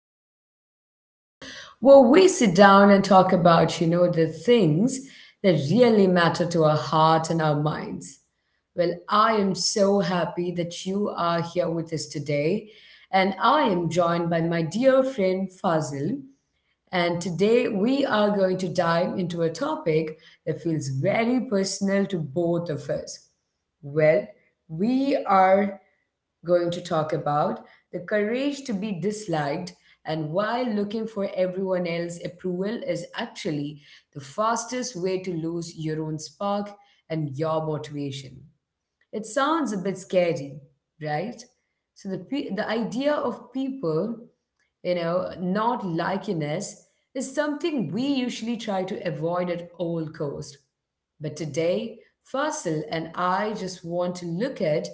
back to our space where we sit down and talk about, the things that really matter to our heart and our minds. I am so happy that you are here with us today, and I am joined by my dear friend Fazil. And today we are going to dive into a topic that feels very personal to both of us. Well, we are going to talk about the courage to be disliked and why looking for everyone else's approval is actually the fastest way to lose your own spark and your motivation. It sounds a bit scary, right? So the idea of people, not likiness, is something we usually try to avoid at all cost. But today, Fasil and I just want to look at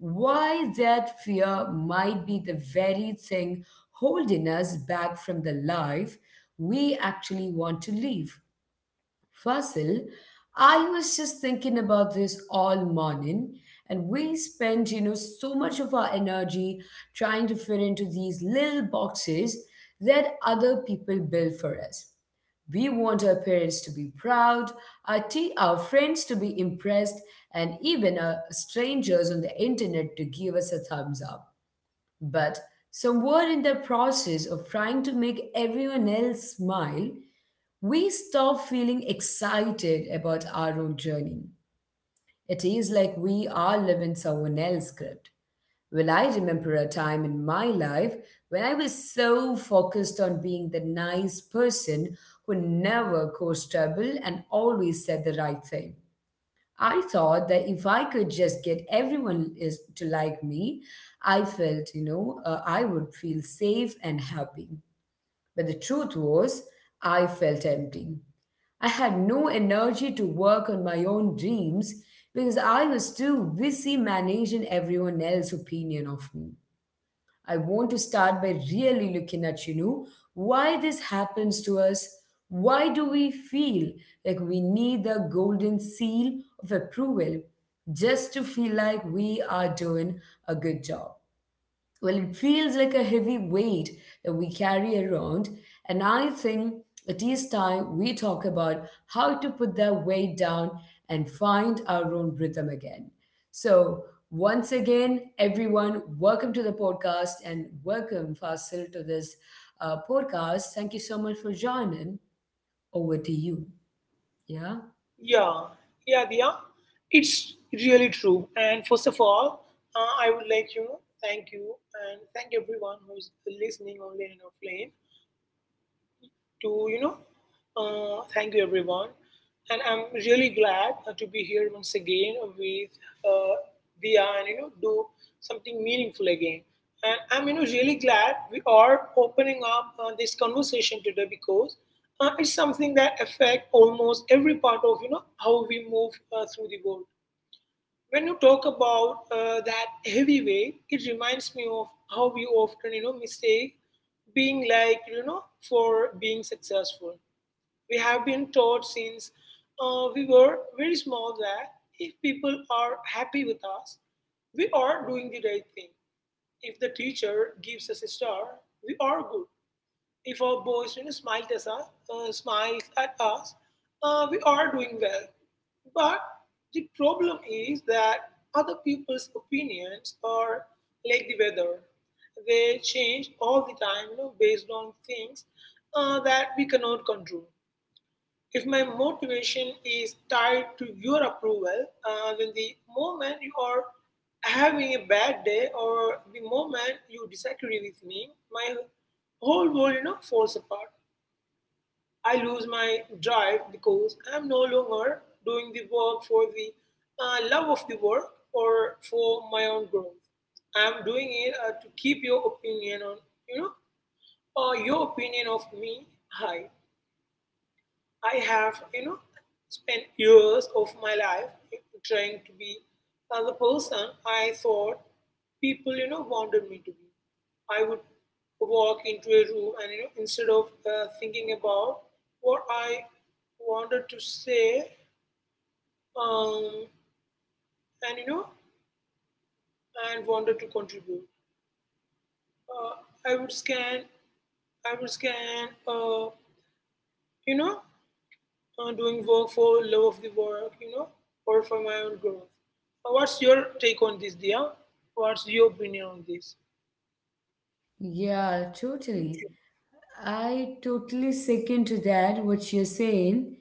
why that fear might be the very thing holding us back from the life we actually want to live. Fasil, I was just thinking about this all morning, and we spend, so much of our energy trying to fit into these little boxes that other people build for us. We want our parents to be proud, our, our friends to be impressed, and even our strangers on the internet to give us a thumbs up. But somewhere in the process of trying to make everyone else smile, we stop feeling excited about our own journey. It is like we are living someone else's script. I remember a time in my life when I was so focused on being the nice person who never caused trouble and always said the right thing. I thought that if I could just get everyone is to like me, I felt, I would feel safe and happy. But the truth was, I felt empty. I had no energy to work on my own dreams because I was too busy managing everyone else's opinion of me. I want to start by really looking at, why this happens to us. Why do we feel like we need the golden seal of approval just to feel like we are doing a good job? Well, it feels like a heavy weight that we carry around, and I think it is time we talk about how to put that weight down and find our own rhythm again. So, once again, everyone, welcome to the podcast and welcome, Fasil, to this podcast. Thank you so much for joining. Over to you. Yeah? Yeah, yeah, Dia. It's really true. And first of all, I would like thank you and thank everyone who's listening online and offline to thank you everyone. And I'm really glad to be here once again with uh, Dia and do something meaningful again. And I'm really glad we are opening up this conversation today, because it's something that affects almost every part of how we move through the world. When you talk about that heavy weight, it reminds me of how we often mistake being like for being successful. We have been taught since we were very small that if people are happy with us, we are doing the right thing. If the teacher gives us a star, we are good. If our boss smiles at us, uh, smiles at us, we are doing well. But the problem is that other people's opinions are like the weather. They change all the time, based on things that we cannot control. If my motivation is tied to your approval, then the moment you are having a bad day, or the moment you disagree with me, my whole world, falls apart. I lose my drive because I'm no longer doing the work for the love of the work, or for my own growth. I'm doing it to keep your opinion on, you know, or your opinion of me high. I have, spent years of my life trying to be the person I thought people, wanted me to be. I would walk into a room and, instead of thinking about what I wanted to say, um, and, you know, and wanted to contribute. uh, I would scan, I would scan, uh, you know, doing work for love of the work, or for my own growth. What's your take on this, Dia? What's your opinion on this? Yeah, totally. I totally second to that what you're saying.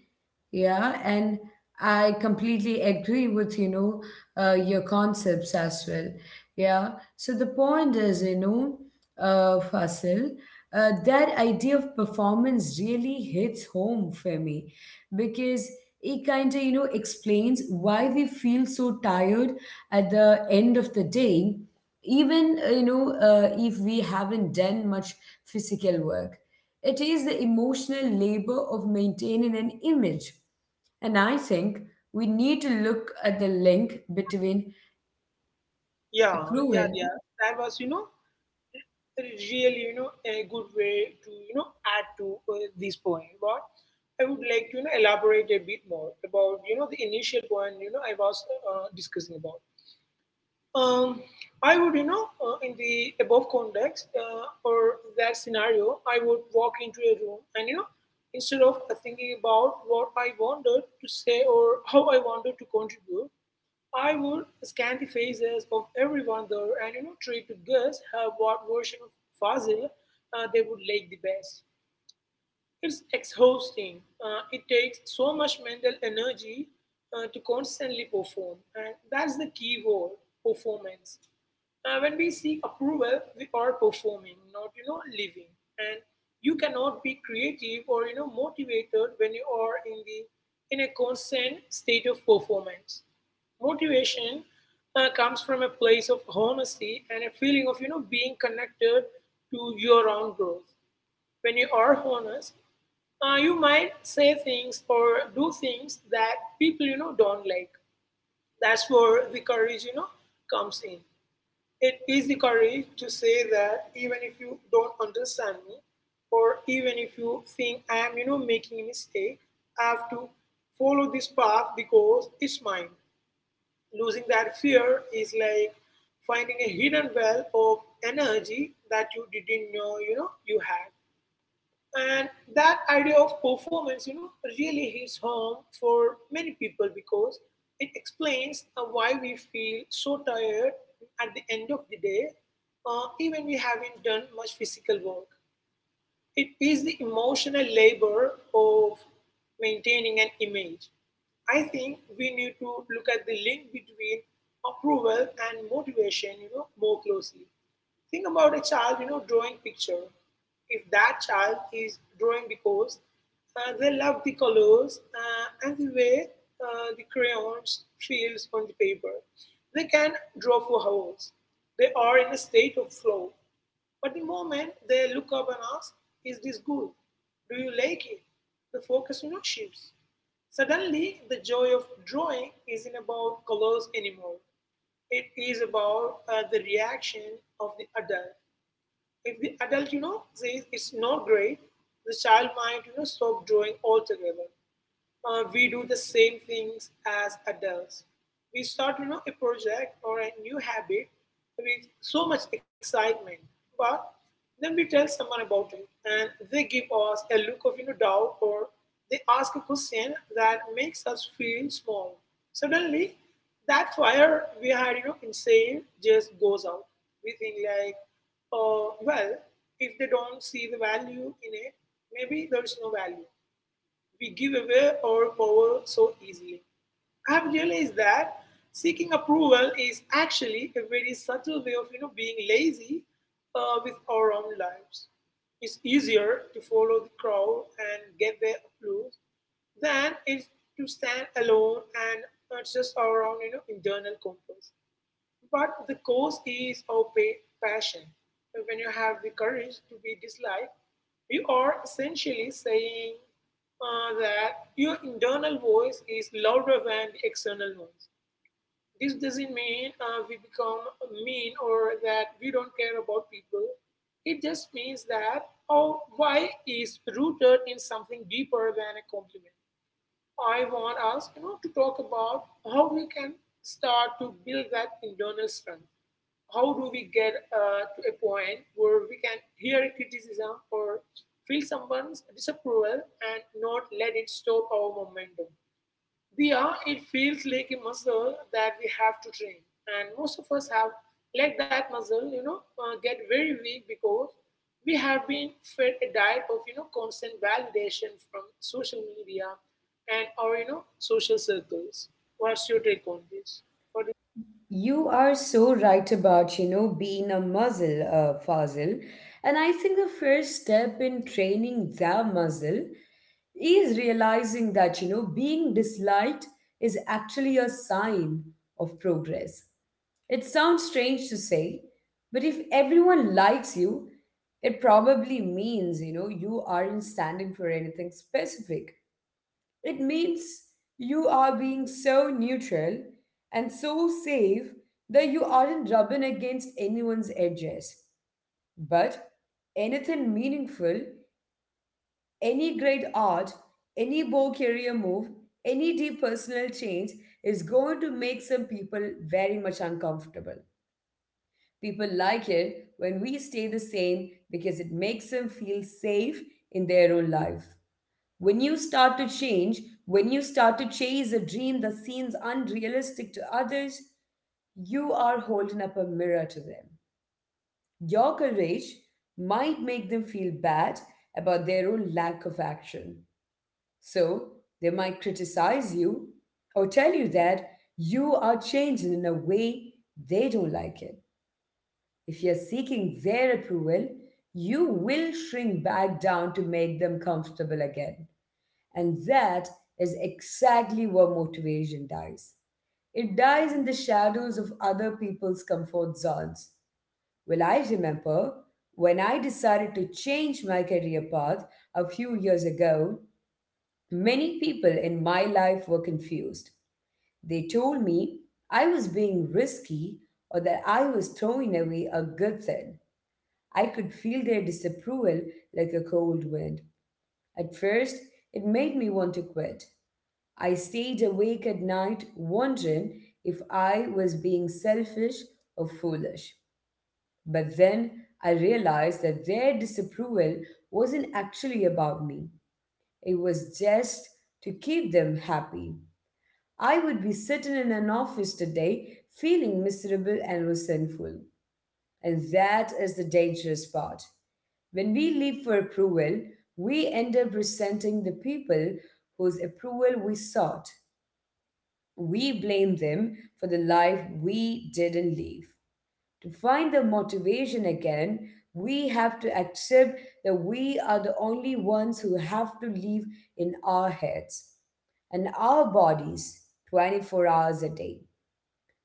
Yeah, and I completely agree with your concepts as well. Yeah. So the point is, Fasil, that idea of performance really hits home for me because it kind of explains why we feel so tired at the end of the day even if we haven't done much physical work. It is the emotional labor of maintaining an image, and I think we need to look at the link between Yeah, yeah, approval. Dia. That was, really, a good way to, add to this point. But I would like to, elaborate a bit more about, the initial point, I was discussing about. Um, I would, in the above context, or that scenario, I would walk into a room and, instead of thinking about what I wanted to say or how I wanted to contribute, I would scan the faces of everyone there and, try to guess what version of Fazil they would like the best. It's exhausting. It takes so much mental energy to constantly perform. And that's the key word, performance. When we seek approval, we are performing, not living. And you cannot be creative or motivated when you are in the in a constant state of performance. Motivation comes from a place of honesty and a feeling of being connected to your own growth. When you are honest, you might say things or do things that people don't like. That's where the courage comes in. It is the courage to say that even if you don't understand me, or even if you think I am making a mistake, I have to follow this path because it's mine. Losing that fear is like finding a hidden well of energy that you didn't know you had. And that idea of performance, really hits home for many people because it explains why we feel so tired at the end of the day, even we haven't done much physical work. It is the emotional labor of maintaining an image. I think we need to look at the link between approval and motivation, more closely. Think about a child, drawing picture. If that child is drawing because they love the colors and the way the crayons feels on the paper, they can draw for hours. They are in a state of flow. But the moment they look up and ask, "Is this good? Do you like it?" The focus, shifts. Suddenly, the joy of drawing isn't about colors anymore. It is about the reaction of the adult. If the adult, says it's not great, the child might, stop drawing altogether. We do the same things as adults. We start, a project or a new habit with so much excitement, but then we tell someone about it, and they give us a look of, doubt, or they ask a question that makes us feel small. Suddenly, that fire we had, inside just goes out. We think like, oh, well, if they don't see the value in it, maybe there is no value. We give away our power so easily. I've realized that seeking approval is actually a very subtle way of being lazy with our own lives. It's easier to follow the crowd and get their applause than it's to stand alone and just our own internal compass. But the cause is our passion. So when you have the courage to be disliked, you are essentially saying that your internal voice is louder than the external noise. This doesn't mean we become mean or that we don't care about people. It just means that our why is rooted in something deeper than a compliment. I want us, to talk about how we can start to build that internal strength. How do we get to a point where we can hear a criticism or feel someone's disapproval and not let it stop our momentum? It feels like a muscle that we have to train. And most of us have let that muscle, get very weak because we have been fed a diet of, constant validation from social media and our, social circles. What's your take on this? What do You are so right about, being a muscle, Fazil. And I think the first step in training the muscle is realizing that being disliked is actually a sign of progress. It sounds strange to say, but if everyone likes you, it probably means you aren't standing for anything specific. It means you are being so neutral and so safe that you aren't rubbing against anyone's edges. But anything meaningful, any great art, any bold career move, any deep personal change is going to make some people very much uncomfortable. People like it when we stay the same because it makes them feel safe in their own life. When you start to change, when you start to chase a dream that seems unrealistic to others, you are holding up a mirror to them. Your courage might make them feel bad about their own lack of action. So they might criticize you or tell you that you are changing in a way they don't like it. If you're seeking their approval, you will shrink back down to make them comfortable again. And that is exactly where motivation dies. It dies in the shadows of other people's comfort zones. Well, I remember when I decided to change my career path a few years ago, many people in my life were confused. They told me I was being risky or that I was throwing away a good thing. I could feel their disapproval like a cold wind. At first, it made me want to quit. I stayed awake at night wondering if I was being selfish or foolish. But then I realized that their disapproval wasn't actually about me, it was just to keep them happy. I would be sitting in an office today feeling miserable and resentful. And that is the dangerous part. When we live for approval, we end up resenting the people whose approval we sought. We blame them for the life we didn't live. To find the motivation again, we have to accept that we are the only ones who have to live in our heads and our bodies 24 hours a day.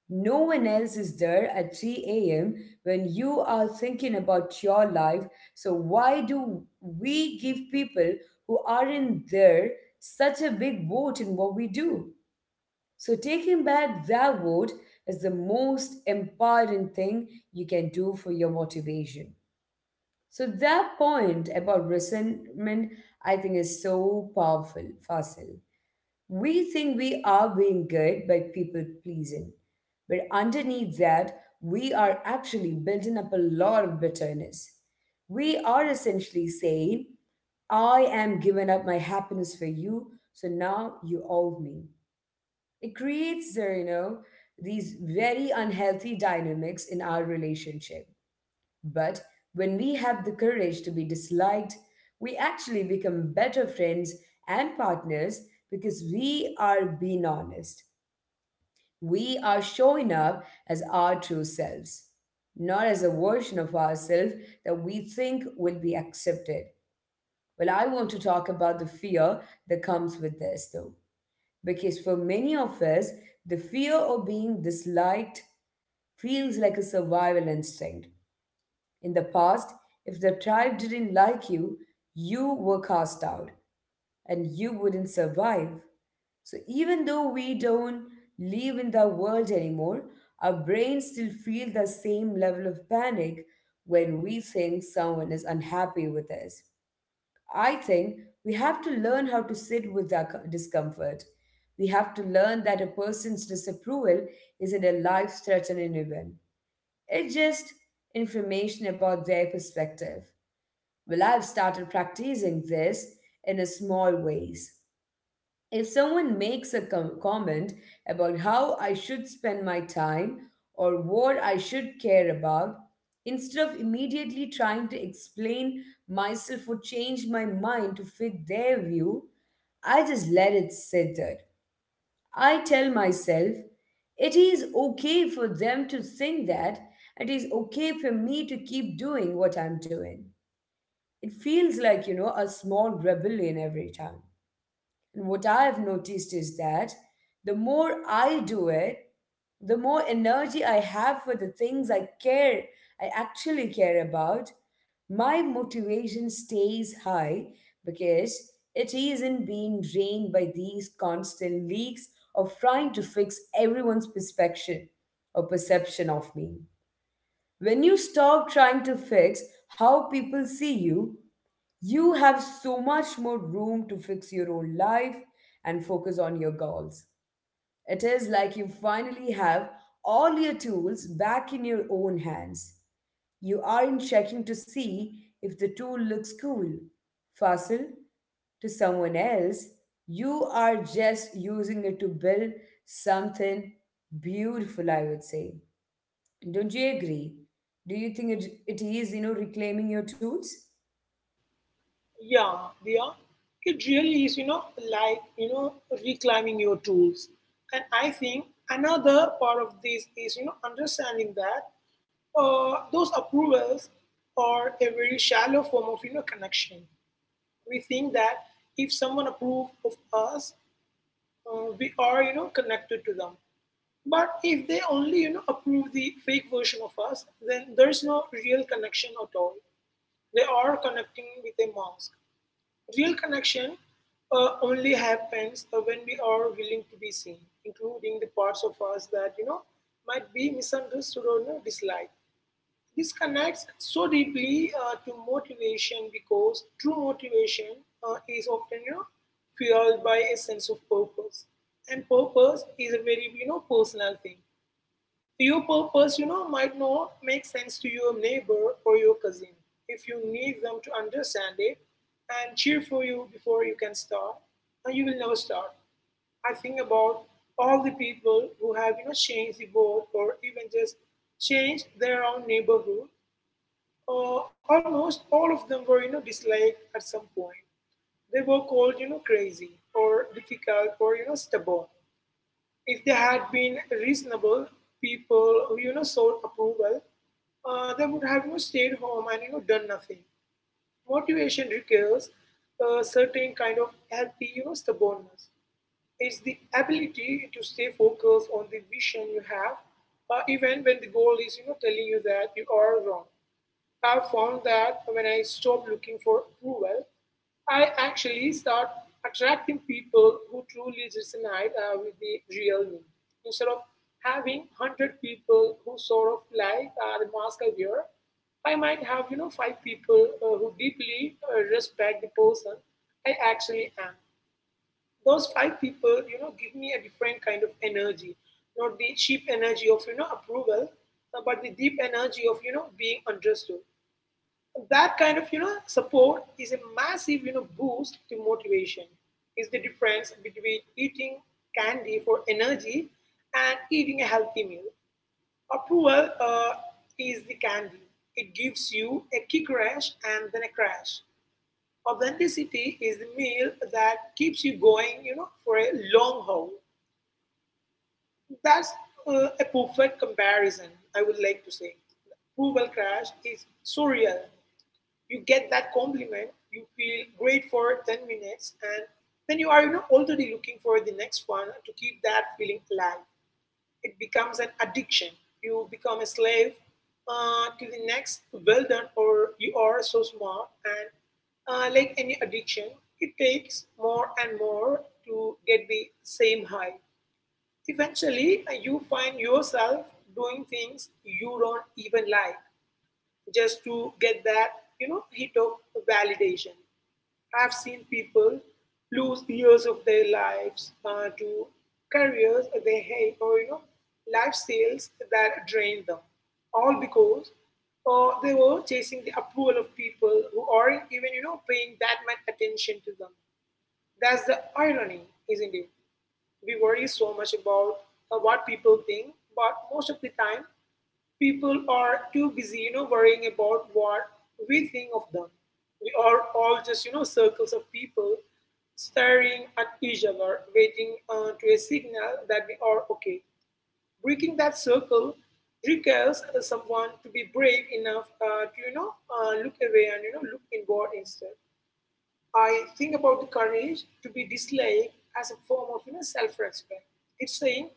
No one else is there at 3 a.m. when you are thinking about your life. So, why do we give people who aren't there such a big vote in what we do? So, taking back their vote is the most important thing you can do for your motivation. So, that point about resentment, I think, is so powerful, Fasil. We think we are being good by people pleasing, but underneath that, we are actually building up a lot of bitterness. We are essentially saying, I am giving up my happiness for you, so now you owe me. It creates, these very unhealthy dynamics in our relationship. But when we have the courage to be disliked, we actually become better friends and partners because we are being honest. We are showing up as our true selves, not as a version of ourselves that we think will be accepted. Well, I want to talk about the fear that comes with this, though, because for many of us, the fear of being disliked feels like a survival instinct. In the past, if the tribe didn't like you were cast out and you wouldn't survive. So even though we don't live in the world anymore, our brains still feel the same level of panic when we think someone is unhappy with us. I think we have to learn how to sit with our discomfort. We have to learn that a person's disapproval isn't a life threatening event, it's just information about their perspective. Well, I've started practicing this in a small ways. If someone makes a comment about how I should spend my time or what I should care about, instead of immediately trying to explain myself or change my mind to fit their view, I just let it sit there. I tell myself it is okay for them to think that, it is okay for me to keep doing what I'm doing. It feels like, a small rebellion every time. And what I have noticed is that the more I do it, the more energy I have for the things I care, I actually care about, my motivation stays high because it isn't being drained by these constant leaks of trying to fix everyone's perception or perception of me. When you stop trying to fix how people see you, you have so much more room to fix your own life and focus on your goals. It is like you finally have all your tools back in your own hands. You aren't checking to see if the tool looks cool, facile, to someone else. You are just using it to build something beautiful, I would say. Don't you agree? Do you think it is, reclaiming your tools? Yeah, Diya, it really is, like, reclaiming your tools. And I think another part of this is, understanding that those approvals are a very shallow form of, connection. We think that if someone approves of us, we are, connected to them. But if they only, approve the fake version of us, then there is no real connection at all. They are connecting with a mask. Real connection only happens when we are willing to be seen, including the parts of us that might be misunderstood or, disliked. This connects so deeply to motivation because true motivation is often fueled by a sense of purpose, and purpose is a very personal thing. Your purpose, might not make sense to your neighbor or your cousin. If you need them to understand it and cheer for you before you can start, and you will never start. I think about all the people who have, changed the world or even just changed their own neighborhood. Almost all of them were, disliked at some point. They were called, crazy or difficult or, stubborn. If they had been reasonable people who sought approval, they would have stayed home and done nothing. Motivation requires a certain kind of healthy stubbornness. It's the ability to stay focused on the vision you have, even when the goal is telling you that you are wrong. I found that when I stop looking for approval, I actually start attracting people who truly resonate with the real me. Instead of having 100 people who sort of like the mask I wear, I might have, five people who deeply respect the person I actually am. Those five people, you know, give me a different kind of energy, not the cheap energy of, you know, approval, but the deep energy of, you know, being understood. That kind of you know support is a massive you know boost to motivation. Is the difference between eating candy for energy and eating a healthy meal. Approval is the candy. It gives you a kick rush and then a crash. Authenticity is the meal that keeps you going you know for a long haul. That's a perfect comparison, I would like to say. Approval crash is so real. You get that compliment, you feel great for 10 minutes, and then you are you know, already looking for the next one to keep that feeling alive. It becomes an addiction. You become a slave to the next well done or you are so smart. And like any addiction, it takes more and more to get the same high. Eventually, you find yourself doing things you don't even like just to get that you know hit of validation. I've seen people lose years of their lives to careers they hate or you know lifestyles that drain them, all because they were chasing the approval of people who aren't even you know paying that much attention to them. That's the irony, isn't it? We worry so much about what people think, but most of the time people are too busy you know worrying about what we think of them. We are all just you know circles of people staring at each other waiting to a signal that we are okay. Breaking that circle requires someone to be brave enough to you know look away and you know look inward instead. I think about the courage to be disliked as a form of you know, self-respect. It's saying,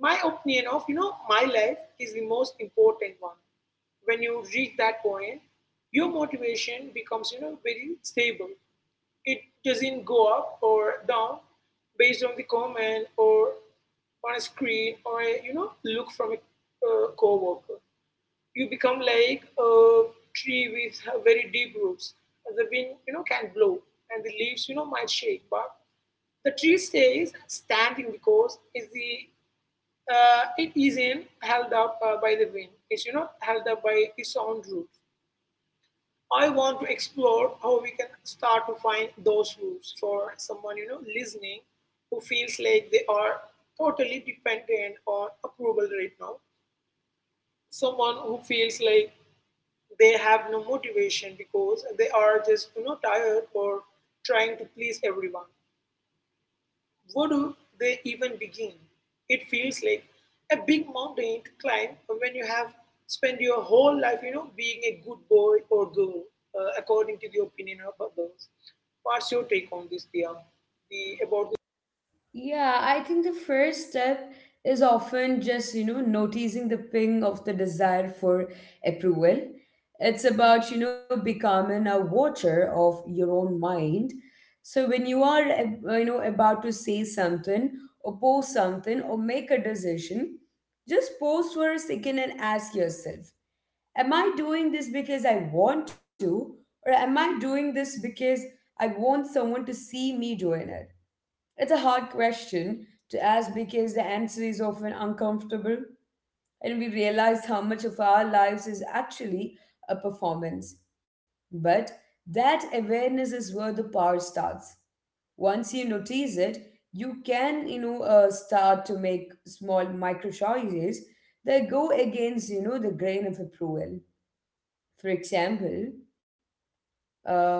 my opinion of you know my life is the most important one. When you reach that point, your motivation becomes you know very stable. It doesn't go up or down based on the comment or on a screen or a you know look from a co-worker. You become like a tree with very deep roots. The wind, you know, can blow, and the leaves, you know, might shake, but the tree stays standing because is the it isn't held up by the wind. It's you know held up by its own roots. I want to explore how we can start to find those roots for someone you know listening who feels like they are totally dependent on approval right now. Someone who feels like they have no motivation because they are just you know tired or trying to please everyone. Where do they even begin? It feels like a big mountain to climb when you have spent your whole life you know being a good boy or girl according to the opinion of others. What's your take on this, Dia, the about? Yeah, I think the first step is often just, noticing the ping of the desire for approval. It's about, becoming a watcher of your own mind. So when you are, about to say something or post something or make a decision, just pause for a second and ask yourself, am I doing this because I want to, or am I doing this because I want someone to see me doing it? It's a hard question to ask because the answer is often uncomfortable, and we realize how much of our lives is actually a performance. But that awareness is where the power starts. Once you notice it, you can, start to make small micro choices that go against, the grain of approval. For example, uh,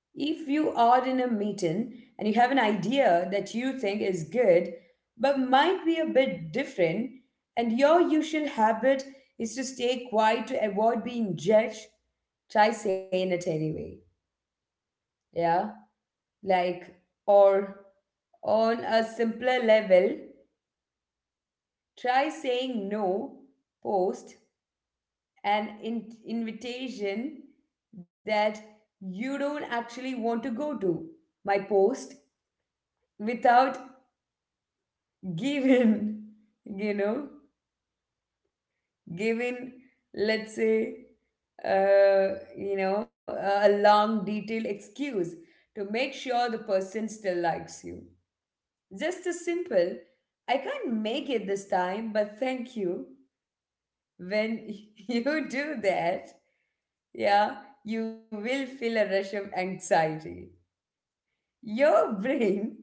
if you are in a meeting and you have an idea that you think is good but might be a bit different, and your usual habit is to stay quiet to avoid being judged, try saying it anyway. Yeah? Like, or on a simpler level, try saying no, post an invitation that you don't actually want to go to my post without given you know given, let's say, uh you know a long detailed excuse to make sure the person still likes you. Just as simple, I can't make it this time, but thank you. When you do that, yeah, you will feel a rush of anxiety. Your brain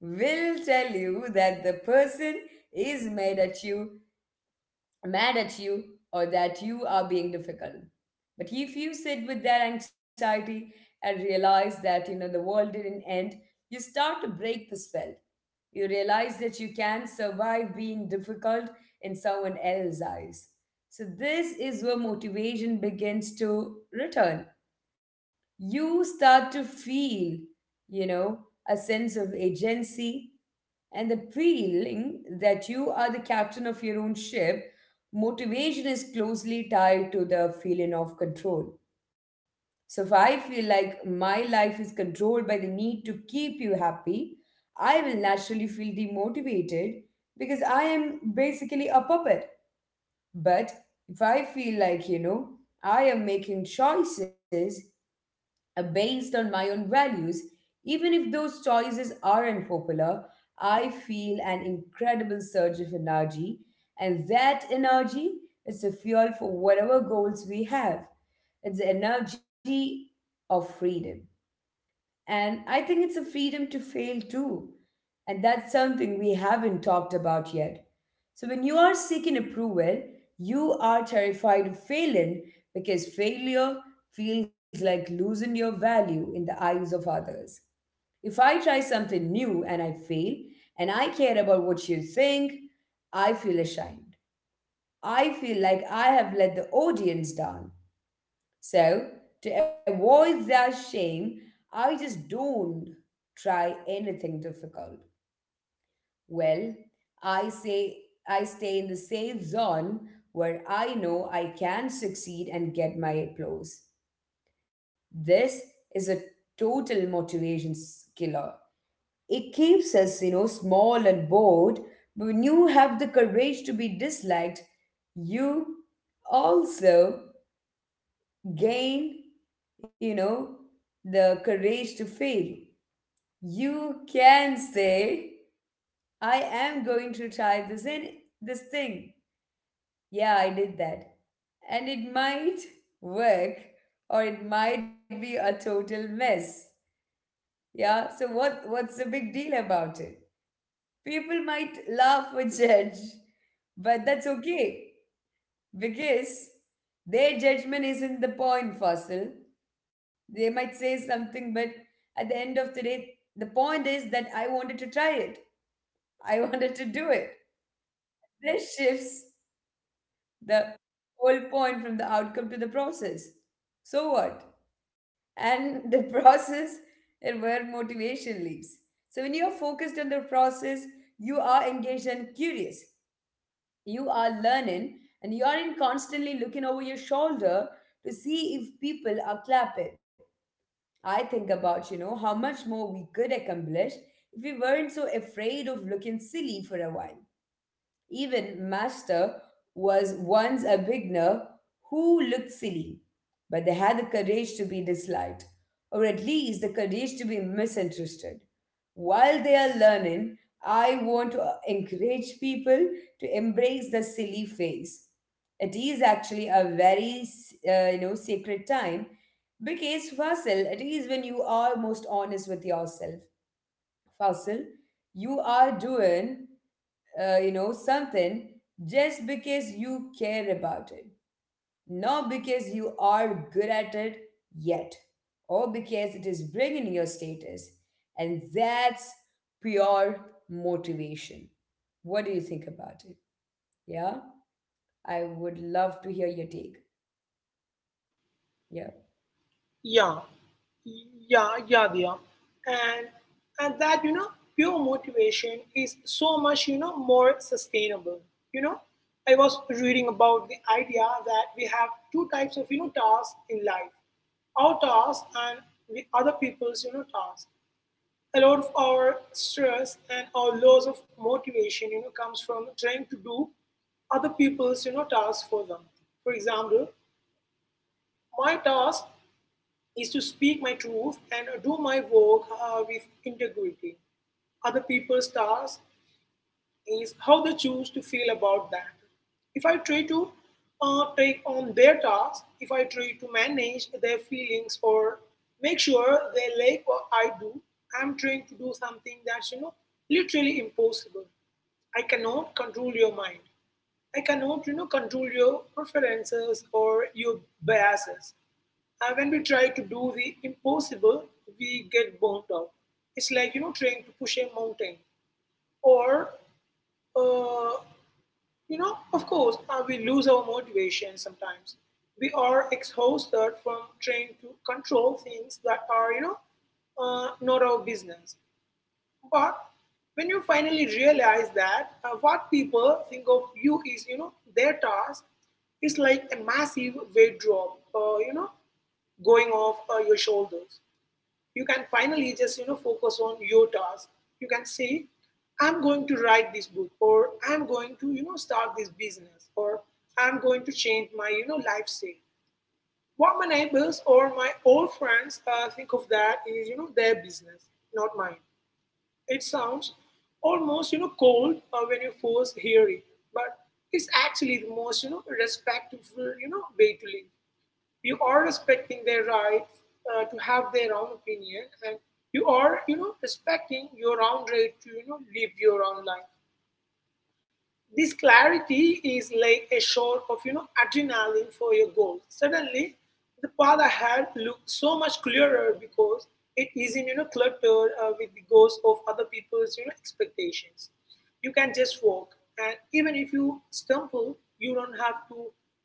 will tell you that the person is mad at you, or that you are being difficult. But if you sit with that anxiety and realize that, you know, the world didn't end, you start to break the spell. You realize that you can survive being difficult in someone else's eyes. So this is where motivation begins to return. You start to feel, you know, a sense of agency and the feeling that you are the captain of your own ship. Motivation is closely tied to the feeling of control. So if I feel like my life is controlled by the need to keep you happy, I will naturally feel demotivated because I am basically a puppet. But if I feel like, you know, I am making choices based on my own values, even if those choices are unpopular, I feel an incredible surge of energy, and that energy is the fuel for whatever goals we have. It's the energy of freedom. And I think it's a freedom to fail too. And that's something we haven't talked about yet. So when you are seeking approval, you are terrified of failing because failure feels like losing your value in the eyes of others. If I try something new and I fail, and I care about what you think, I feel ashamed. I feel like I have let the audience down. So, to avoid that shame, I just don't try anything difficult. Well, I say I stay in the safe zone where I know I can succeed and get my applause. This is a total motivation killer. It keeps us, you know, small and bored, but when you have the courage to be disliked, you also gain, you know, the courage to fail. You can say, I am going to try this in this thing. Yeah, I did that. And it might work or it might be a total mess. Yeah, so what's the big deal about it? People might laugh or judge, but that's okay because their judgment isn't the point, Fossil. They might say something, but at the end of the day, the point is that I wanted to try it. I wanted to do it. This shifts the whole point from the outcome to the process. So what? And the process is where motivation lives. So when you're focused on the process, you are engaged and curious. You are learning and you aren't constantly looking over your shoulder to see if people are clapping. I think about, you know, how much more we could accomplish if we weren't so afraid of looking silly for a while. Even Master was once a beginner who looked silly, but they had the courage to be disliked, or at least the courage to be misunderstood. While they are learning, I want to encourage people to embrace the silly phase. It is actually a very, sacred time because, Fasil, it is when you are most honest with yourself. Fasil, you are doing something just because you care about it, not because you are good at it yet or because it is bringing your status. And that's pure motivation. What do you think about it? Yeah, I would love to hear your take. Yeah. Yeah, yeah, yeah, Diya. And and that you know pure motivation is so much you know more sustainable. You know, I was reading about the idea that we have two types of you know tasks in life: our tasks and the other people's you know tasks. A lot of our stress and our loss of motivation, you know, comes from trying to do other people's you know tasks for them. For example, my task is to speak my truth and do my work with integrity. Other people's stars is how they choose to feel about that. If I try to take on their tasks, if I try to manage their feelings or make sure they like what I do, I'm trying to do something that's you know literally impossible. I cannot control your mind. I cannot, you know, control your preferences or your biases. And when we try to do the impossible, we get burnt out. It's like you know, trying to push a mountain, or uh, you know, of course, we lose our motivation sometimes. We are exhausted from trying to control things that are you know, not our business. But when you finally realize that what people think of you is, you know, their task, it's like a massive weight drop, you know, going off your shoulders. You can finally just, you know, focus on your task. You can say, I'm going to write this book, or I'm going to, you know, start this business, or I'm going to change my, you know, lifestyle. What my neighbors or my old friends think of that is, you know, their business, not mine. It sounds almost you know cold when you first hear it, but it's actually the most you know respectful you know way to live. You are respecting their right to have their own opinion, and you are you know respecting your own right to you know live your own life. This clarity is like a shot of you know adrenaline for your goal. Suddenly, the path ahead looks so much clearer because it isn't you know cluttered with the goals of other people's you know expectations. You can just walk, and even if you stumble, you don't have to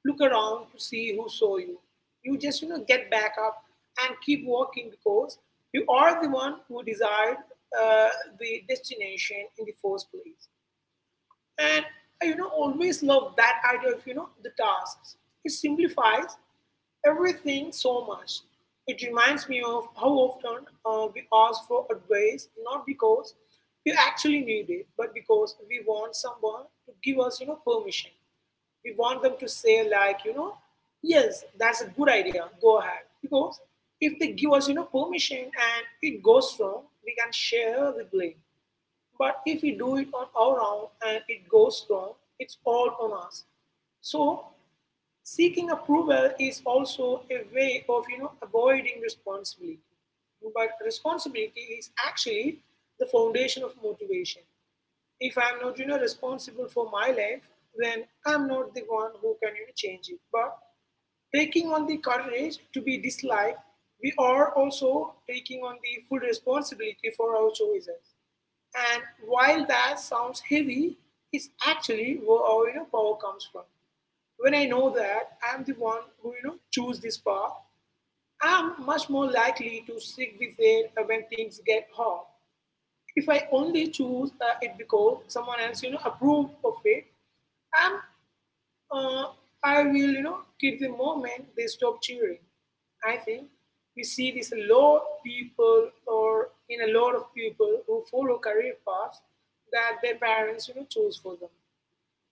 look around to see who saw you. You just you know get back up and keep walking because you are the one who desired uh, the destination in the first place. And I, you know, always love that idea of, you know, the tasks. It simplifies everything so much. It reminds me of how often we ask for advice, not because we actually need it, but because we want someone to give us, you know, permission. We want them to say, like, you know, yes, that's a good idea, go ahead. Because if they give us, you know, permission and it goes wrong, we can share the blame. But if we do it on our own and it goes wrong, it's all on us. So seeking approval is also a way of you know avoiding responsibility. But responsibility is actually the foundation of motivation. If I'm not, you know, responsible for my life, then I'm not the one who can you know, change it. But taking on the courage to be disliked, we are also taking on the full responsibility for our choices. And while that sounds heavy, it's actually where our you know, power comes from. When I know that I'm the one who you know choose this path, I'm much more likely to stick with it when things get hard. If I only choose it because someone else, you know, approve of it, I'm, uh, I will, you know, quit the moment they stop cheering. I think we see this a lot people or in a lot of people who follow career paths that their parents, you know, chose for them.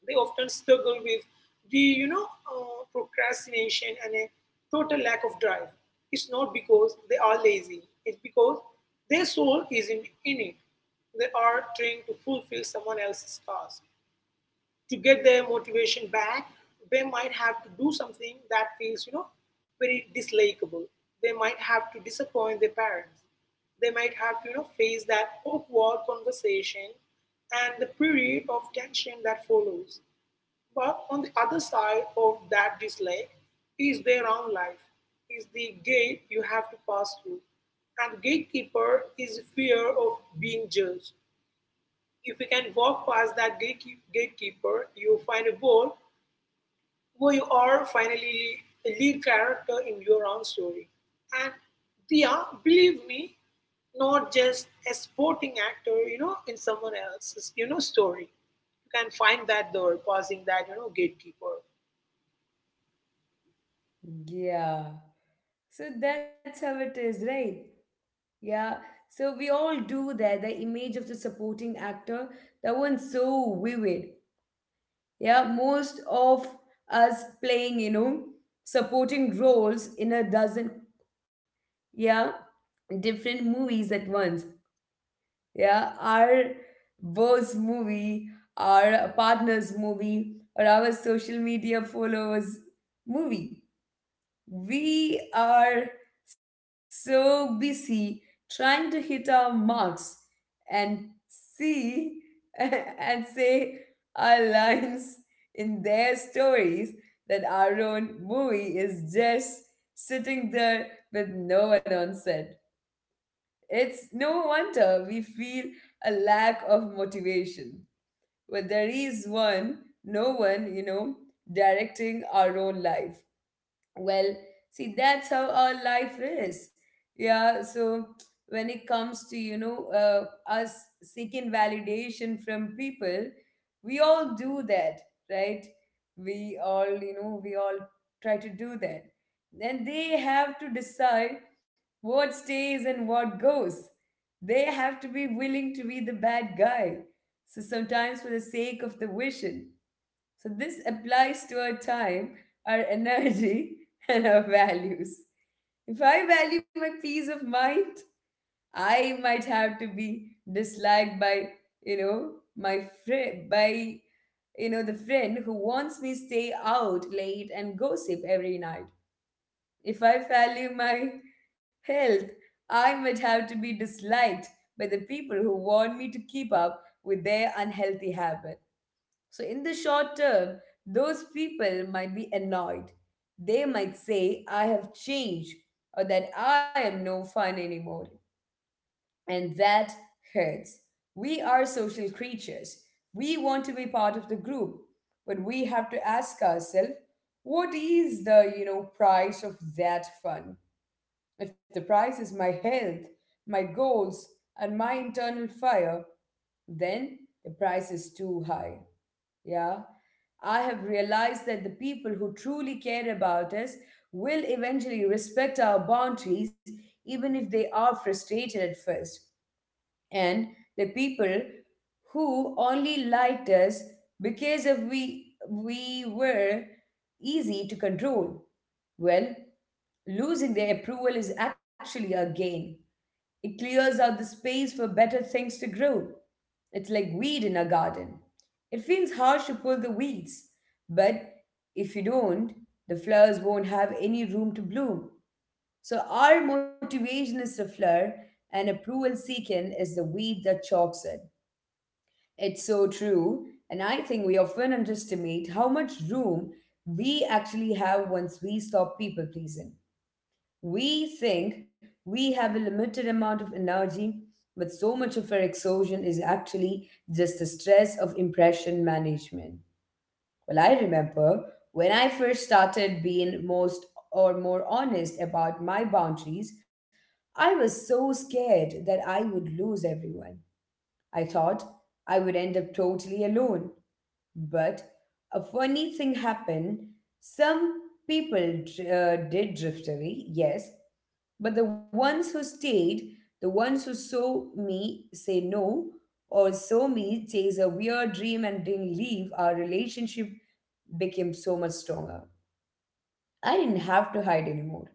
They often struggle with the you know procrastination and a total lack of drive. It's not because they are lazy. It's because their soul isn't in it. They are trying to fulfill someone else's task. To get their motivation back, they might have to do something that feels you know very dislikable. They might have to disappoint their parents. They might have to you know face that awkward conversation and the period of tension that follows. But on the other side of that dislike is their own life, is the gate you have to pass through. And the gatekeeper is fear of being judged. If you can walk past that gatekeeper, you find a world where you are finally a lead character in your own story. And they are, believe me, not just a sporting actor, you know, in someone else's, you know, story. You can find that door passing that, you know, gatekeeper. Yeah, so that's how it is, right? Yeah, so we all do that. The image of the supporting actor, that one's so vivid. Yeah, most of us playing, you know, supporting roles in a dozen, yeah, different movies at once. Yeah, our boss movie, our partner's movie, or our social media followers movie. We are so busy trying to hit our marks and see and say our lines in their stories that our own movie is just sitting there with no one on set. It's no wonder we feel a lack of motivation. But there is one, no one, you know, directing our own life. Well, see, that's how our life is. Yeah. So when it comes to, you know, us seeking validation from people, we all do that, right? We all, you know, we all try to do that. Then they have to decide what stays and what goes. They have to be willing to be the bad guy. So sometimes for the sake of the vision. So this applies to our time, our energy, and our values. If I value my peace of mind, I might have to be disliked by, you know, my friend, by, you know, the friend who wants me stay out late and gossip every night. If I value my health, I might have to be disliked by the people who want me to keep up with their unhealthy habit. So, in the short term, those people might be annoyed. They might say, I have changed or that I am no fun anymore. And that hurts. We are social creatures. We want to be part of the group, but we have to ask ourselves, what is the, you know, price of that fun? If the price is my health, my goals, and my internal fire, then the price is too high. Yeah. I have realized that the people who truly care about us will eventually respect our boundaries, even if they are frustrated at first. And the people who only liked us because of we were easy to control. Well, losing their approval is actually a gain. It clears out the space for better things to grow. It's like weed in a garden. It feels harsh to pull the weeds, but if you don't, the flowers won't have any room to bloom. So our motivation is the flower and approval seeking is the weed that chokes it. It's so true, and I think we often underestimate how much room we actually have once we stop people pleasing. We think we have a limited amount of energy, but so much of our exhaustion is actually just the stress of impression management. Well, I remember when I first started being most or more honest about my boundaries, I was so scared that I would lose everyone. I thought I would end up totally alone. But a funny thing happened. Some people did drift away, yes, but the ones who stayed, the ones who saw me say no or saw me chase a weird dream and didn't leave, our relationship became so much stronger. I didn't have to hide anymore.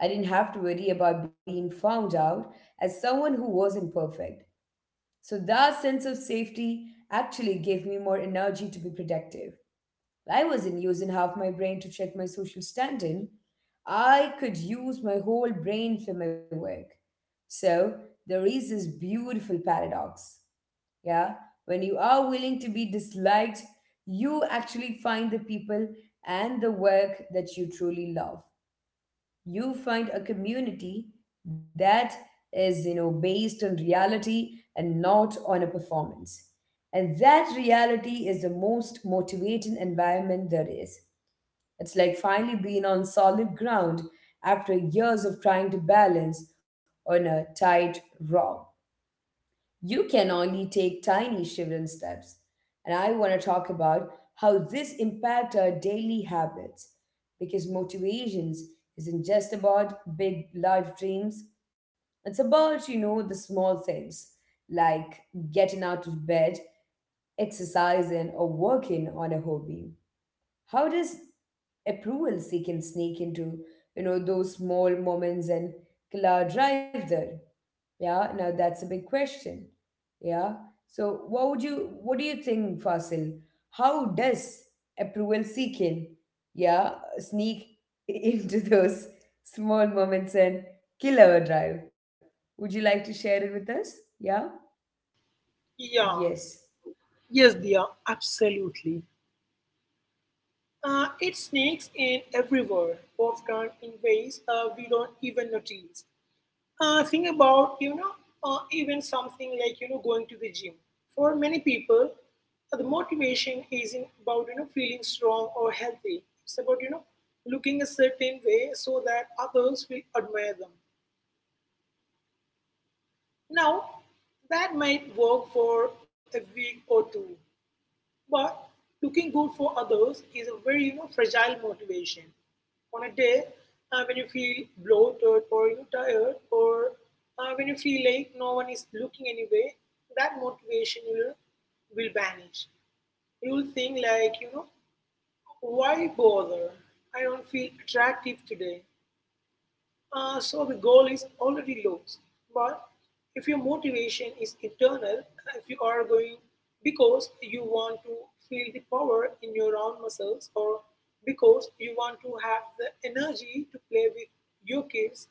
I didn't have to worry about being found out as someone who wasn't perfect. So that sense of safety actually gave me more energy to be productive. I wasn't using half my brain to check my social standing. I could use my whole brain for my work. So there is this beautiful paradox. Yeah. When you are willing to be disliked, you actually find the people and the work that you truly love. You find a community that is, you know, based on reality and not on a performance. And that reality is the most motivating environment there is. It's like finally being on solid ground after years of trying to balance on a tight rope. You can only take tiny shivering steps. And I want to talk about how this impacts our daily habits because motivations isn't just about big life dreams. It's about, you know, the small things like getting out of bed, exercising, or working on a hobby. How does approval seeking sneak into, you know, those small moments and killer drive there? Yeah, now that's a big question. Yeah. So what do you think, Fasil? How does approval seeking, yeah, sneak into those small moments and killer drive? Would you like to share it with us? Yeah? Yeah, Yes. yes, they are absolutely. It sneaks in everywhere, often in ways we don't even notice. Think about, you know, even something like, you know, going to the gym. For many people, the motivation isn't about, you know, feeling strong or healthy. It's about, you know, looking a certain way so that others will admire them. Now, that might work for a week or two, but looking good for others is a very you know, fragile motivation. On a day when you feel bloated or you know, tired or when you feel like no one is looking anyway, that motivation will vanish. You will think like, you know, why bother? I don't feel attractive today. So the goal is already lost. But if your motivation is internal, if you are going because you want to feel the power in your own muscles or because you want to have the energy to play with your kids,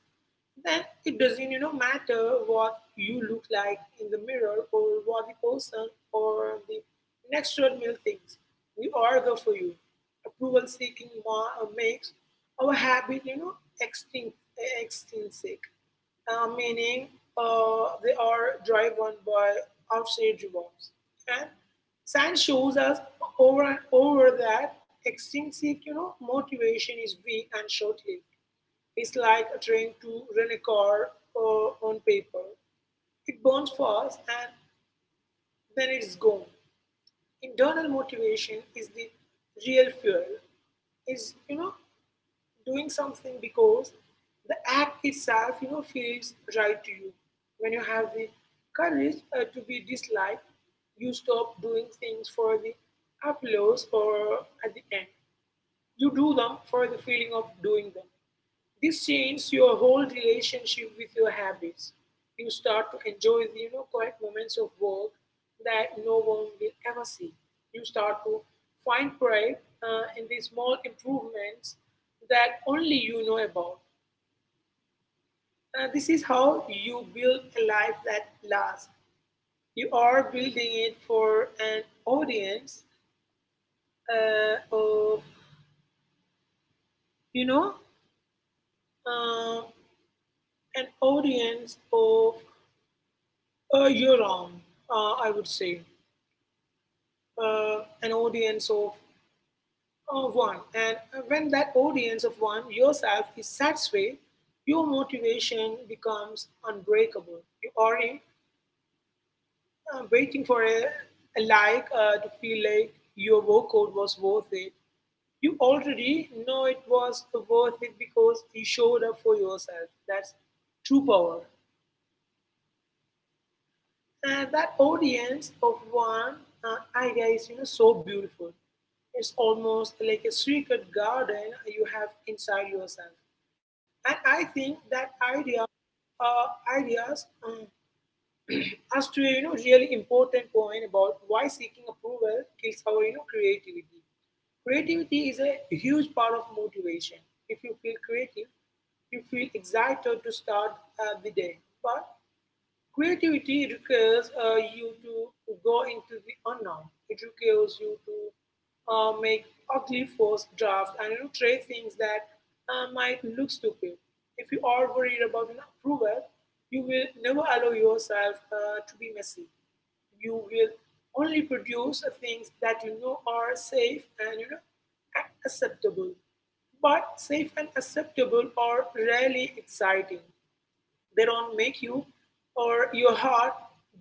then it doesn't you know matter what you look like in the mirror or what the person or the next door male thinks. You are good for you. Approval seeking makes our habit you know extinct extrinsic, meaning they are driven by outside rewards. And science shows us over and over that extrinsic you know motivation is weak and short-lived. It's like trying to run a car on paper. It burns fast and then it's gone. Internal motivation is the real fuel. Is you know doing something because the act itself you know feels right to you. When you have the courage to be disliked, you stop doing things for the applause or at the end. You do them for the feeling of doing them. This changes your whole relationship with your habits. You start to enjoy the quiet moments of work that no one will ever see. You start to find pride in the small improvements that only you know about. This is how you build a life that lasts. You are building it for an audience of, you know, uh, an audience of a year round, I would say, an audience of one. And when that audience of one, yourself, is satisfied, your motivation becomes unbreakable. You are in, waiting for a like to feel like your workout was worth it. You already know it was worth it because you showed up for yourself. That's true power. That audience of one idea is so beautiful. It's almost like a secret garden you have inside yourself. And I think that idea, ideas, um, as to a really important point about why seeking approval kills our creativity. Creativity is a huge part of motivation. If you feel creative, you feel excited to start the day. But creativity requires you to go into the unknown. It requires you to make ugly first drafts and try things that might look stupid. If you are worried about an approval, you will never allow yourself to be messy. You will only produce things that you know are safe and acceptable. But safe and acceptable are rarely exciting. They don't make you or your heart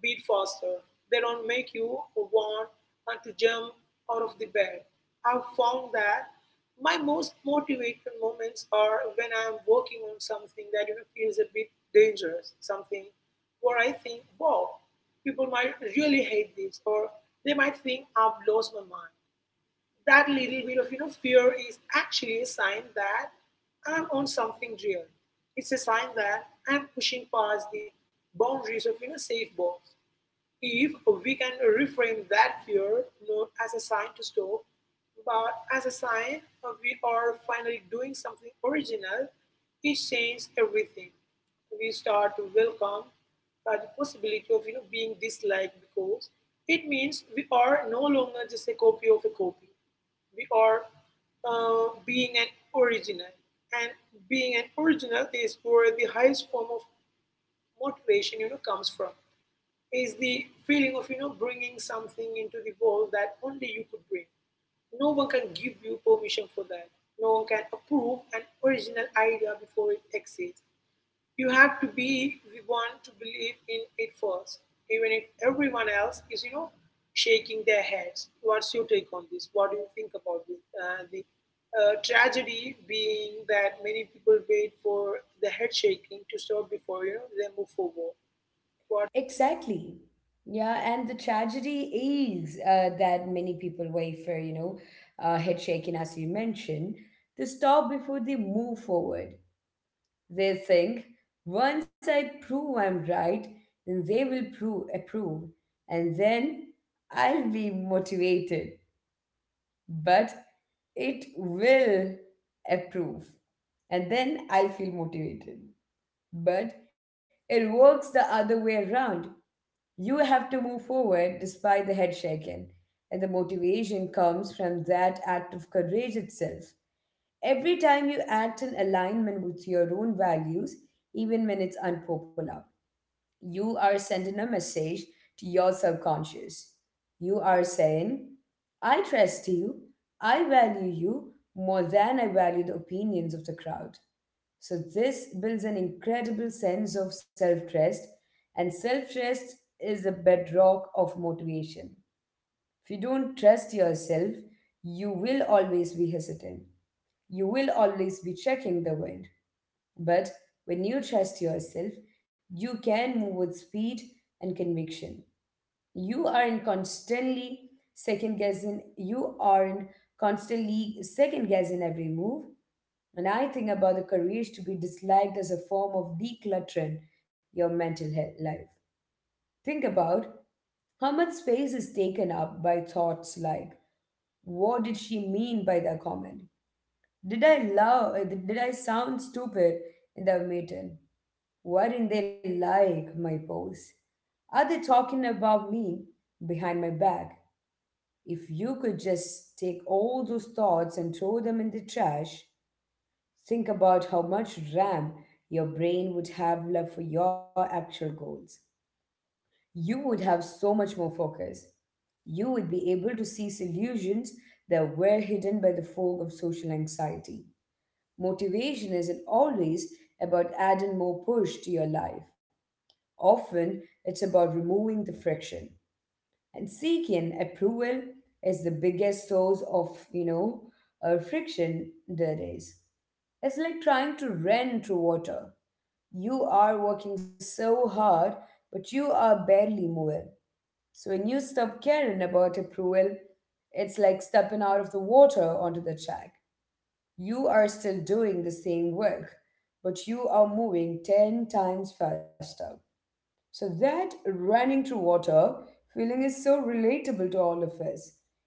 beat faster. They don't make you want to jump out of the bed. I've found that my most motivated moments are when I'm working on something that feels a bit dangerous, something where I think, wow, people might really hate this, or they might think I've lost my mind. That little bit of fear is actually a sign that I'm on something real. It's a sign that I'm pushing past the boundaries of safe box. If we can reframe that fear not as a sign to stop, but as a sign of we are finally doing something original, it changes everything. We start to welcome the possibility of being disliked because it means we are no longer just a copy of a copy. We are being an original, and being an original is where the highest form of motivation comes from. Is the feeling of bringing something into the world that only you could bring. No one can give you permission for that. No one can approve an original idea before it exists. You have to be the one to believe in it first, even if everyone else is shaking their heads. What's your take on this? What do you think about this? The tragedy being that many people wait for the head shaking to stop before they move forward. What? Exactly. Yeah, and the tragedy is that many people wait for, you know, head shaking, as you mentioned, to stop before they move forward. They think, once I prove I'm right, then they will approve, and then I'll be motivated. But it will approve, and then I'll feel motivated. But it works the other way around. You have to move forward despite the head shaking. And the motivation comes from that act of courage itself. Every time you act in alignment with your own values, even when it's unpopular, you are sending a message to your subconscious. You are saying, I trust you, I value you more than I value the opinions of the crowd. So this builds an incredible sense of self-trust, and self-trust is the bedrock of motivation. If you don't trust yourself, you will always be hesitant. You will always be checking the wind. But when you trust yourself, you can move with speed and conviction. You aren't constantly second guessing. You aren't constantly second guessing every move. And I think about the courage to be disliked as a form of decluttering your mental health life. Think about how much space is taken up by thoughts like, what did she mean by that comment? Did I sound stupid in the meeting? Why didn't they like my post? Are they talking about me behind my back? If you could just take all those thoughts and throw them in the trash, think about how much RAM your brain would have left for your actual goals. You would have so much more focus. You would be able to see solutions that were hidden by the fog of social anxiety. Motivation isn't always about adding more push to your life. Often, it's about removing the friction. And seeking approval is the biggest source of, friction there is. It's like trying to run through water. You are working so hard, but you are barely moving. So when you stop caring about approval, it's like stepping out of the water onto the track. You are still doing the same work, but you are moving 10 times faster. So that running through water feeling is so relatable to all of us.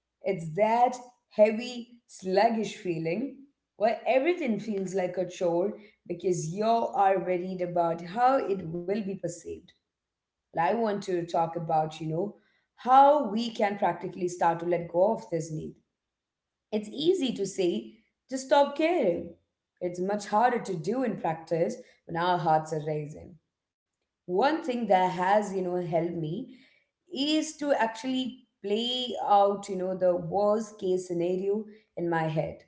It's that heavy, sluggish feeling where everything feels like a chore because you are worried about how it will be perceived. And I want to talk about, how we can practically start to let go of this need. It's easy to say, just stop caring. It's much harder to do in practice when our hearts are racing. One thing that has helped me is to actually play out the worst case scenario in my head.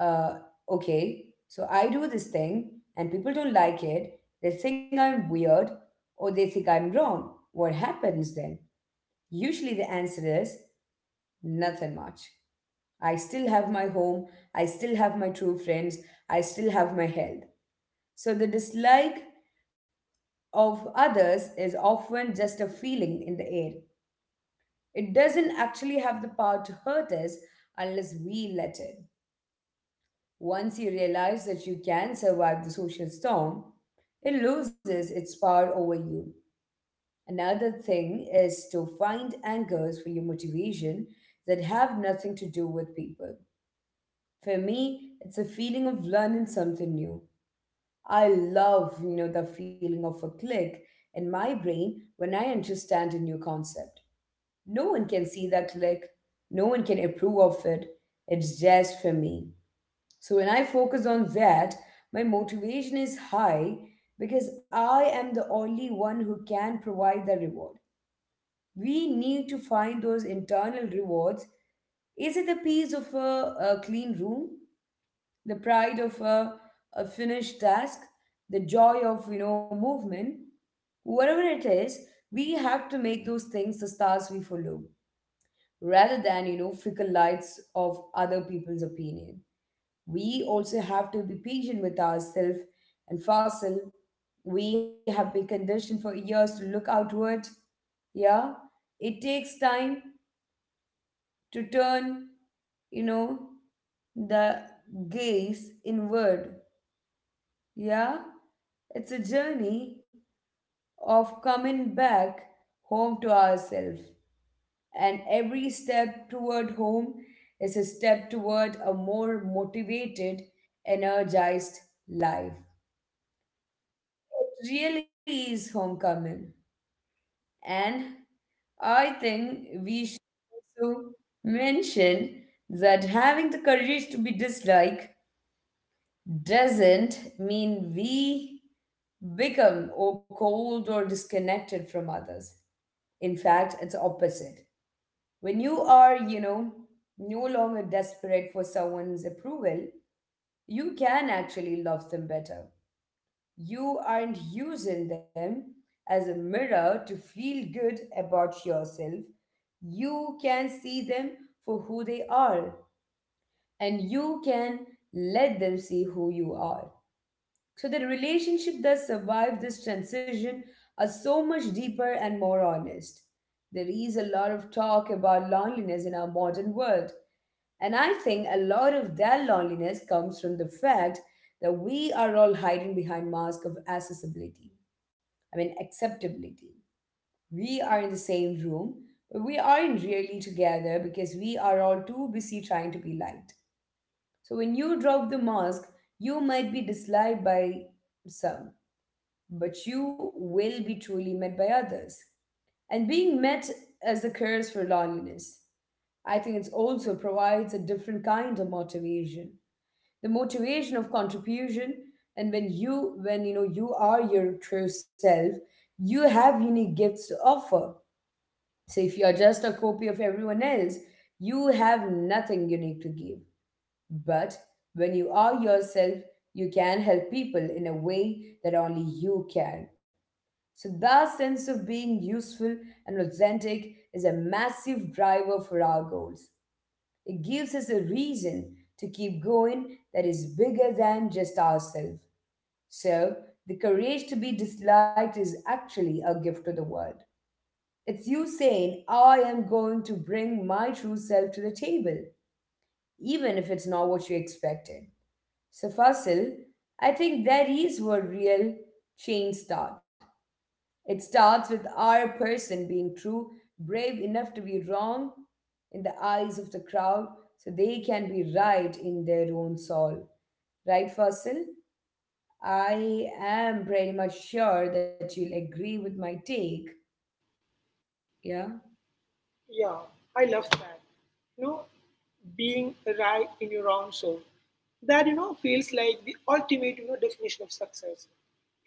Uh okay so I do this thing and people don't like it, they think I'm weird, or they think I'm wrong. What happens then? Usually the answer is nothing much. I still have my home, I still have my true friends, I still have my health. So the dislike of others is often just a feeling in the air. It doesn't actually have the power to hurt us unless we let it. Once you realize that you can survive the social storm, it loses its power over you. Another thing is to find anchors for your motivation that have nothing to do with people. For me, it's a feeling of learning something new. I love, you know, the feeling of a click in my brain when I understand a new concept. No one can see that click, no one can approve of it. It's just for me. So when I focus on that, my motivation is high because I am the only one who can provide the reward. We need to find those internal rewards. Is it the piece of a clean room? The pride of a finished task, the joy of movement, whatever it is, we have to make those things the stars we follow, rather than fickle lights of other people's opinion. We also have to be patient with ourselves and facile. We have been conditioned for years to look outward. Yeah, it takes time to turn, you know, the gaze inward. Yeah, it's a journey of coming back home to ourselves, and every step toward home is a step toward a more motivated, energized life. It really is homecoming, and I think we should also mention that having the courage to be disliked doesn't mean we become or cold or disconnected from others. In fact, it's opposite. When you are, no longer desperate for someone's approval, you can actually love them better. You aren't using them as a mirror to feel good about yourself. You can see them for who they are, and you can let them see who you are. So the relationship that survived this transition are so much deeper and more honest. There is a lot of talk about loneliness in our modern world, and I think a lot of that loneliness comes from the fact that we are all hiding behind masks of accessibility. I mean acceptability. We are in the same room, but we aren't really together because we are all too busy trying to be liked. So when you drop the mask, you might be disliked by some, but you will be truly met by others. And being met as a curse for loneliness. I think it also provides a different kind of motivation. The motivation of contribution, and when you know you are your true self, you have unique gifts to offer. So if you are just a copy of everyone else, you have nothing unique to give. But when you are yourself, you can help people in a way that only you can. So that sense of being useful and authentic is a massive driver for our goals. It gives us a reason to keep going that is bigger than just ourselves. So the courage to be disliked is actually a gift to the world. It's you saying, I am going to bring my true self to the table, even if it's not what you expected. So, Fasil, I think that is where real change starts. It starts with our person being true, brave enough to be wrong in the eyes of the crowd so they can be right in their own soul. Right, Fasil? I am pretty much sure that you'll agree with my take. Yeah. Yeah, I love that. You know, being right in your own soul. That, feels like the ultimate, definition of success.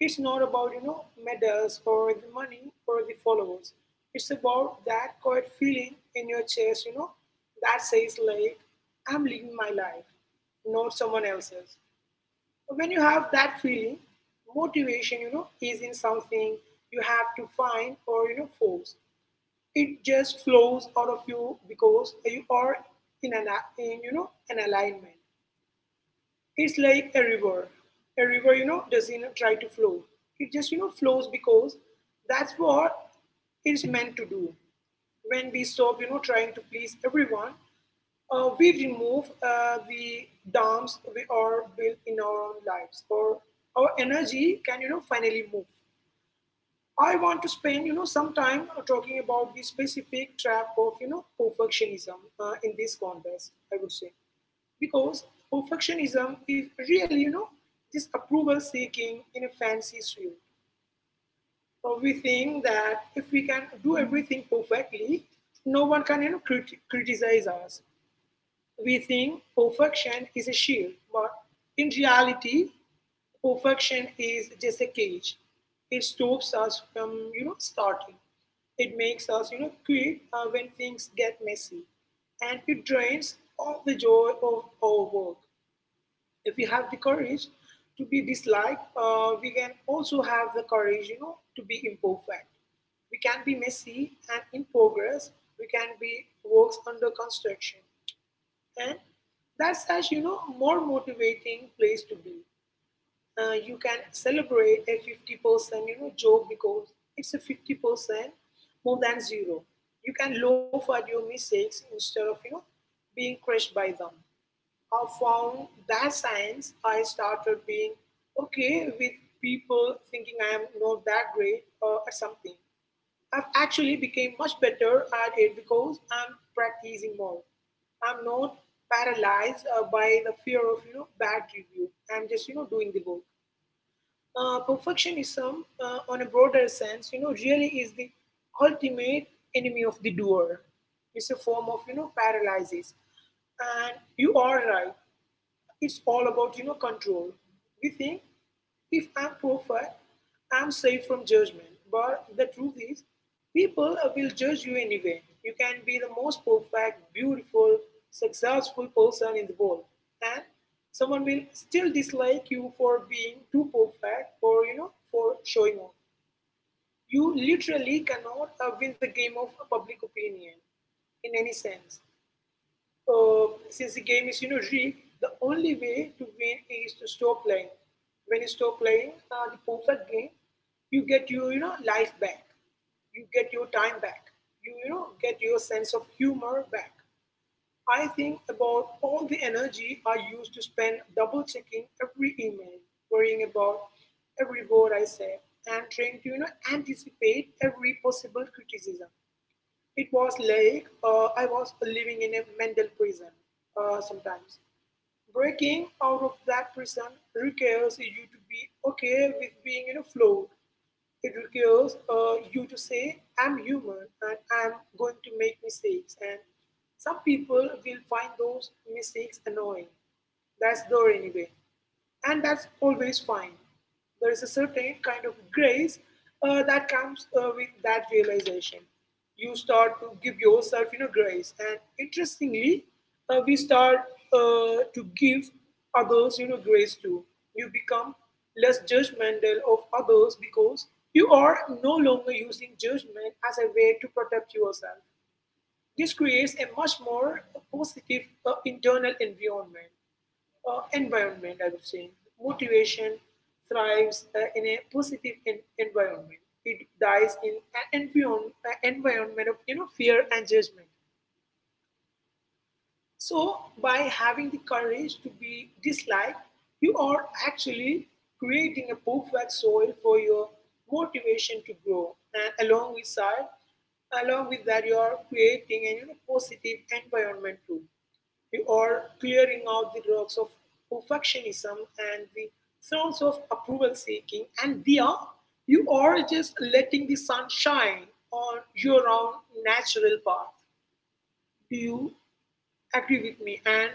It's not about, medals or the money or the followers. It's about that quiet feeling in your chest, that says like, I'm living my life, not someone else's. When you have that feeling, motivation, isn't something you have to find or, force. It just flows out of you because you are in an a- in, you know an alignment. It's like a river. A river, doesn't try to flow. It just flows because that's what it's meant to do. When we stop, trying to please everyone, we remove the dams we are built in our own lives, or our energy can finally move. I want to spend, some time talking about the specific trap of, perfectionism in this context, I would say. Because perfectionism is really, just approval seeking in a fancy suit. Or we think that if we can do everything perfectly, no one can, criticize us. We think perfection is a shield, but in reality, perfection is just a cage. It stops us from, starting. It makes us, quit when things get messy, and it drains all the joy of our work. If we have the courage to be disliked, we can also have the courage, to be imperfect. We can be messy and in progress. We can be works under construction. And that's such, more motivating place to be. You can celebrate a 50% joke because it's a 50% more than zero. You can laugh at your mistakes instead of, being crushed by them. I found that science, I started being okay with people thinking I am not that great at something. I've actually became much better at it because I'm practicing more. I'm not paralyzed by the fear of bad review. I'm just doing the work. Perfectionism on a broader sense, really is the ultimate enemy of the doer. It's a form of paralysis, and you are right. It's all about control. We think if I'm perfect, I'm safe from judgment. But the truth is, people will judge you anyway. You can be the most perfect, beautiful, successful person in the world, and someone will still dislike you for being too perfect or for showing off. You literally cannot win the game of public opinion in any sense. Since the game is, rigged, the only way to win is to stop playing. When you stop playing the perfect game, you get your, life back. You get your time back. You, get your sense of humor back. I think about all the energy I used to spend double checking every email, worrying about every word I said, and trying to, anticipate every possible criticism. It was like I was living in a mental prison sometimes. Breaking out of that prison requires you to be okay with being, flawed. It requires you to say, I'm human and I'm going to make mistakes. And some people will find those mistakes annoying. That's there anyway. And that's always fine. There is a certain kind of grace that comes with that realization. You start to give yourself, grace. And interestingly, we start to give others, grace too. You become less judgmental of others because you are no longer using judgment as a way to protect yourself. This creates a much more positive internal environment, I would say. Motivation thrives in a positive environment. It dies in an environ- a environment of fear and judgment. So, by having the courage to be disliked, you are actually creating a perfect soil for your motivation to grow. And along with side, along with that, you are creating a positive environment too. You are clearing out the rocks of perfectionism and the thorns of approval seeking, and there you are just letting the sun shine on your own natural path. Do you agree with me? And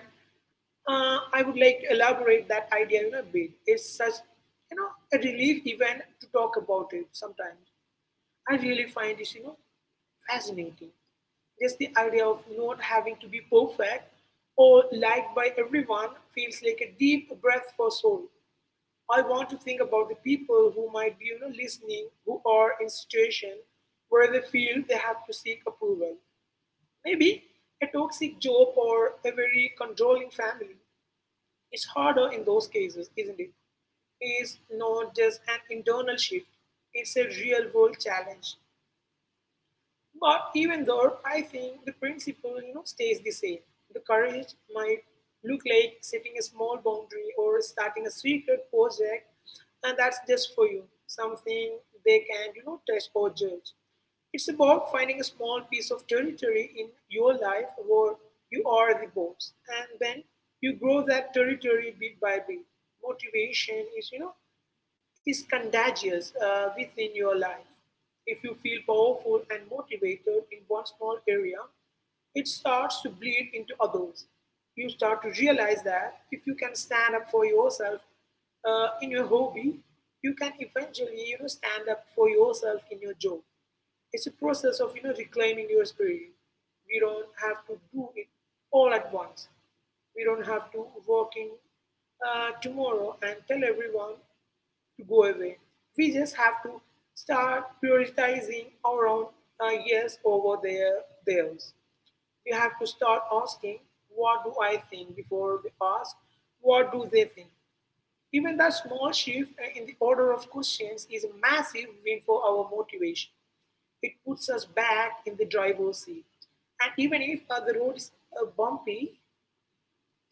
I would like to elaborate that idea a bit. It's such a relief even to talk about it sometimes. I really find this fascinating. Just the idea of not having to be perfect or liked by everyone feels like a deep breath for soul. I want to think about the people who might be listening, who are in situation where they feel they have to seek approval. Maybe a toxic job or a very controlling family is harder in those cases, isn't it? It's not just an internal shift, it's a real world challenge, but even though I think the principle stays the same. The courage might look like setting a small boundary or starting a secret project, and that's just for you, something they can touch or judge. It's about finding a small piece of territory in your life where you are the boss, and then you grow that territory bit by bit. Motivation is contagious within your life. If you feel powerful and motivated in one small area, it starts to bleed into others. You start to realize that if you can stand up for yourself in your hobby, you can eventually stand up for yourself in your job. It's a process of reclaiming your spirit. We don't have to do it all at once. We don't have to walk in tomorrow and tell everyone to go away. We just have to start prioritizing our own yes over theirs. We have to start asking, what do I think, before we ask, what do they think? Even that small shift in the order of questions is a massive win for our motivation. It puts us back in the driver's seat. And even if the road is bumpy,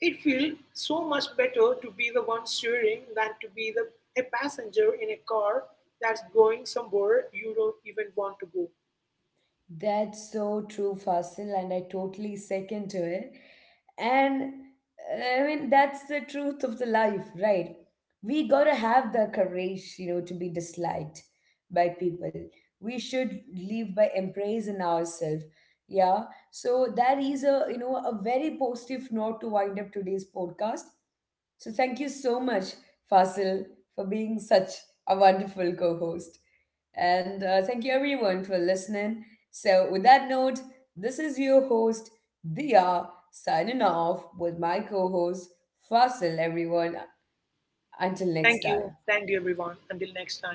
it feels so much better to be the one steering than to be a passenger in a car that's going somewhere you don't even want to go. That's so true, Fasil, and I totally second to it. And I mean, that's the truth of the life, right? We gotta have the courage, to be disliked by people. We should live by embracing ourselves. Yeah. So that is a a very positive note to wind up today's podcast. So thank you so much, Fasil, for being such a wonderful co-host. And thank you everyone for listening. So with that note, this is your host, Dia, signing off with my co-host, Fasil, everyone. Until Thank next you. time. Thank you, everyone. Until next time.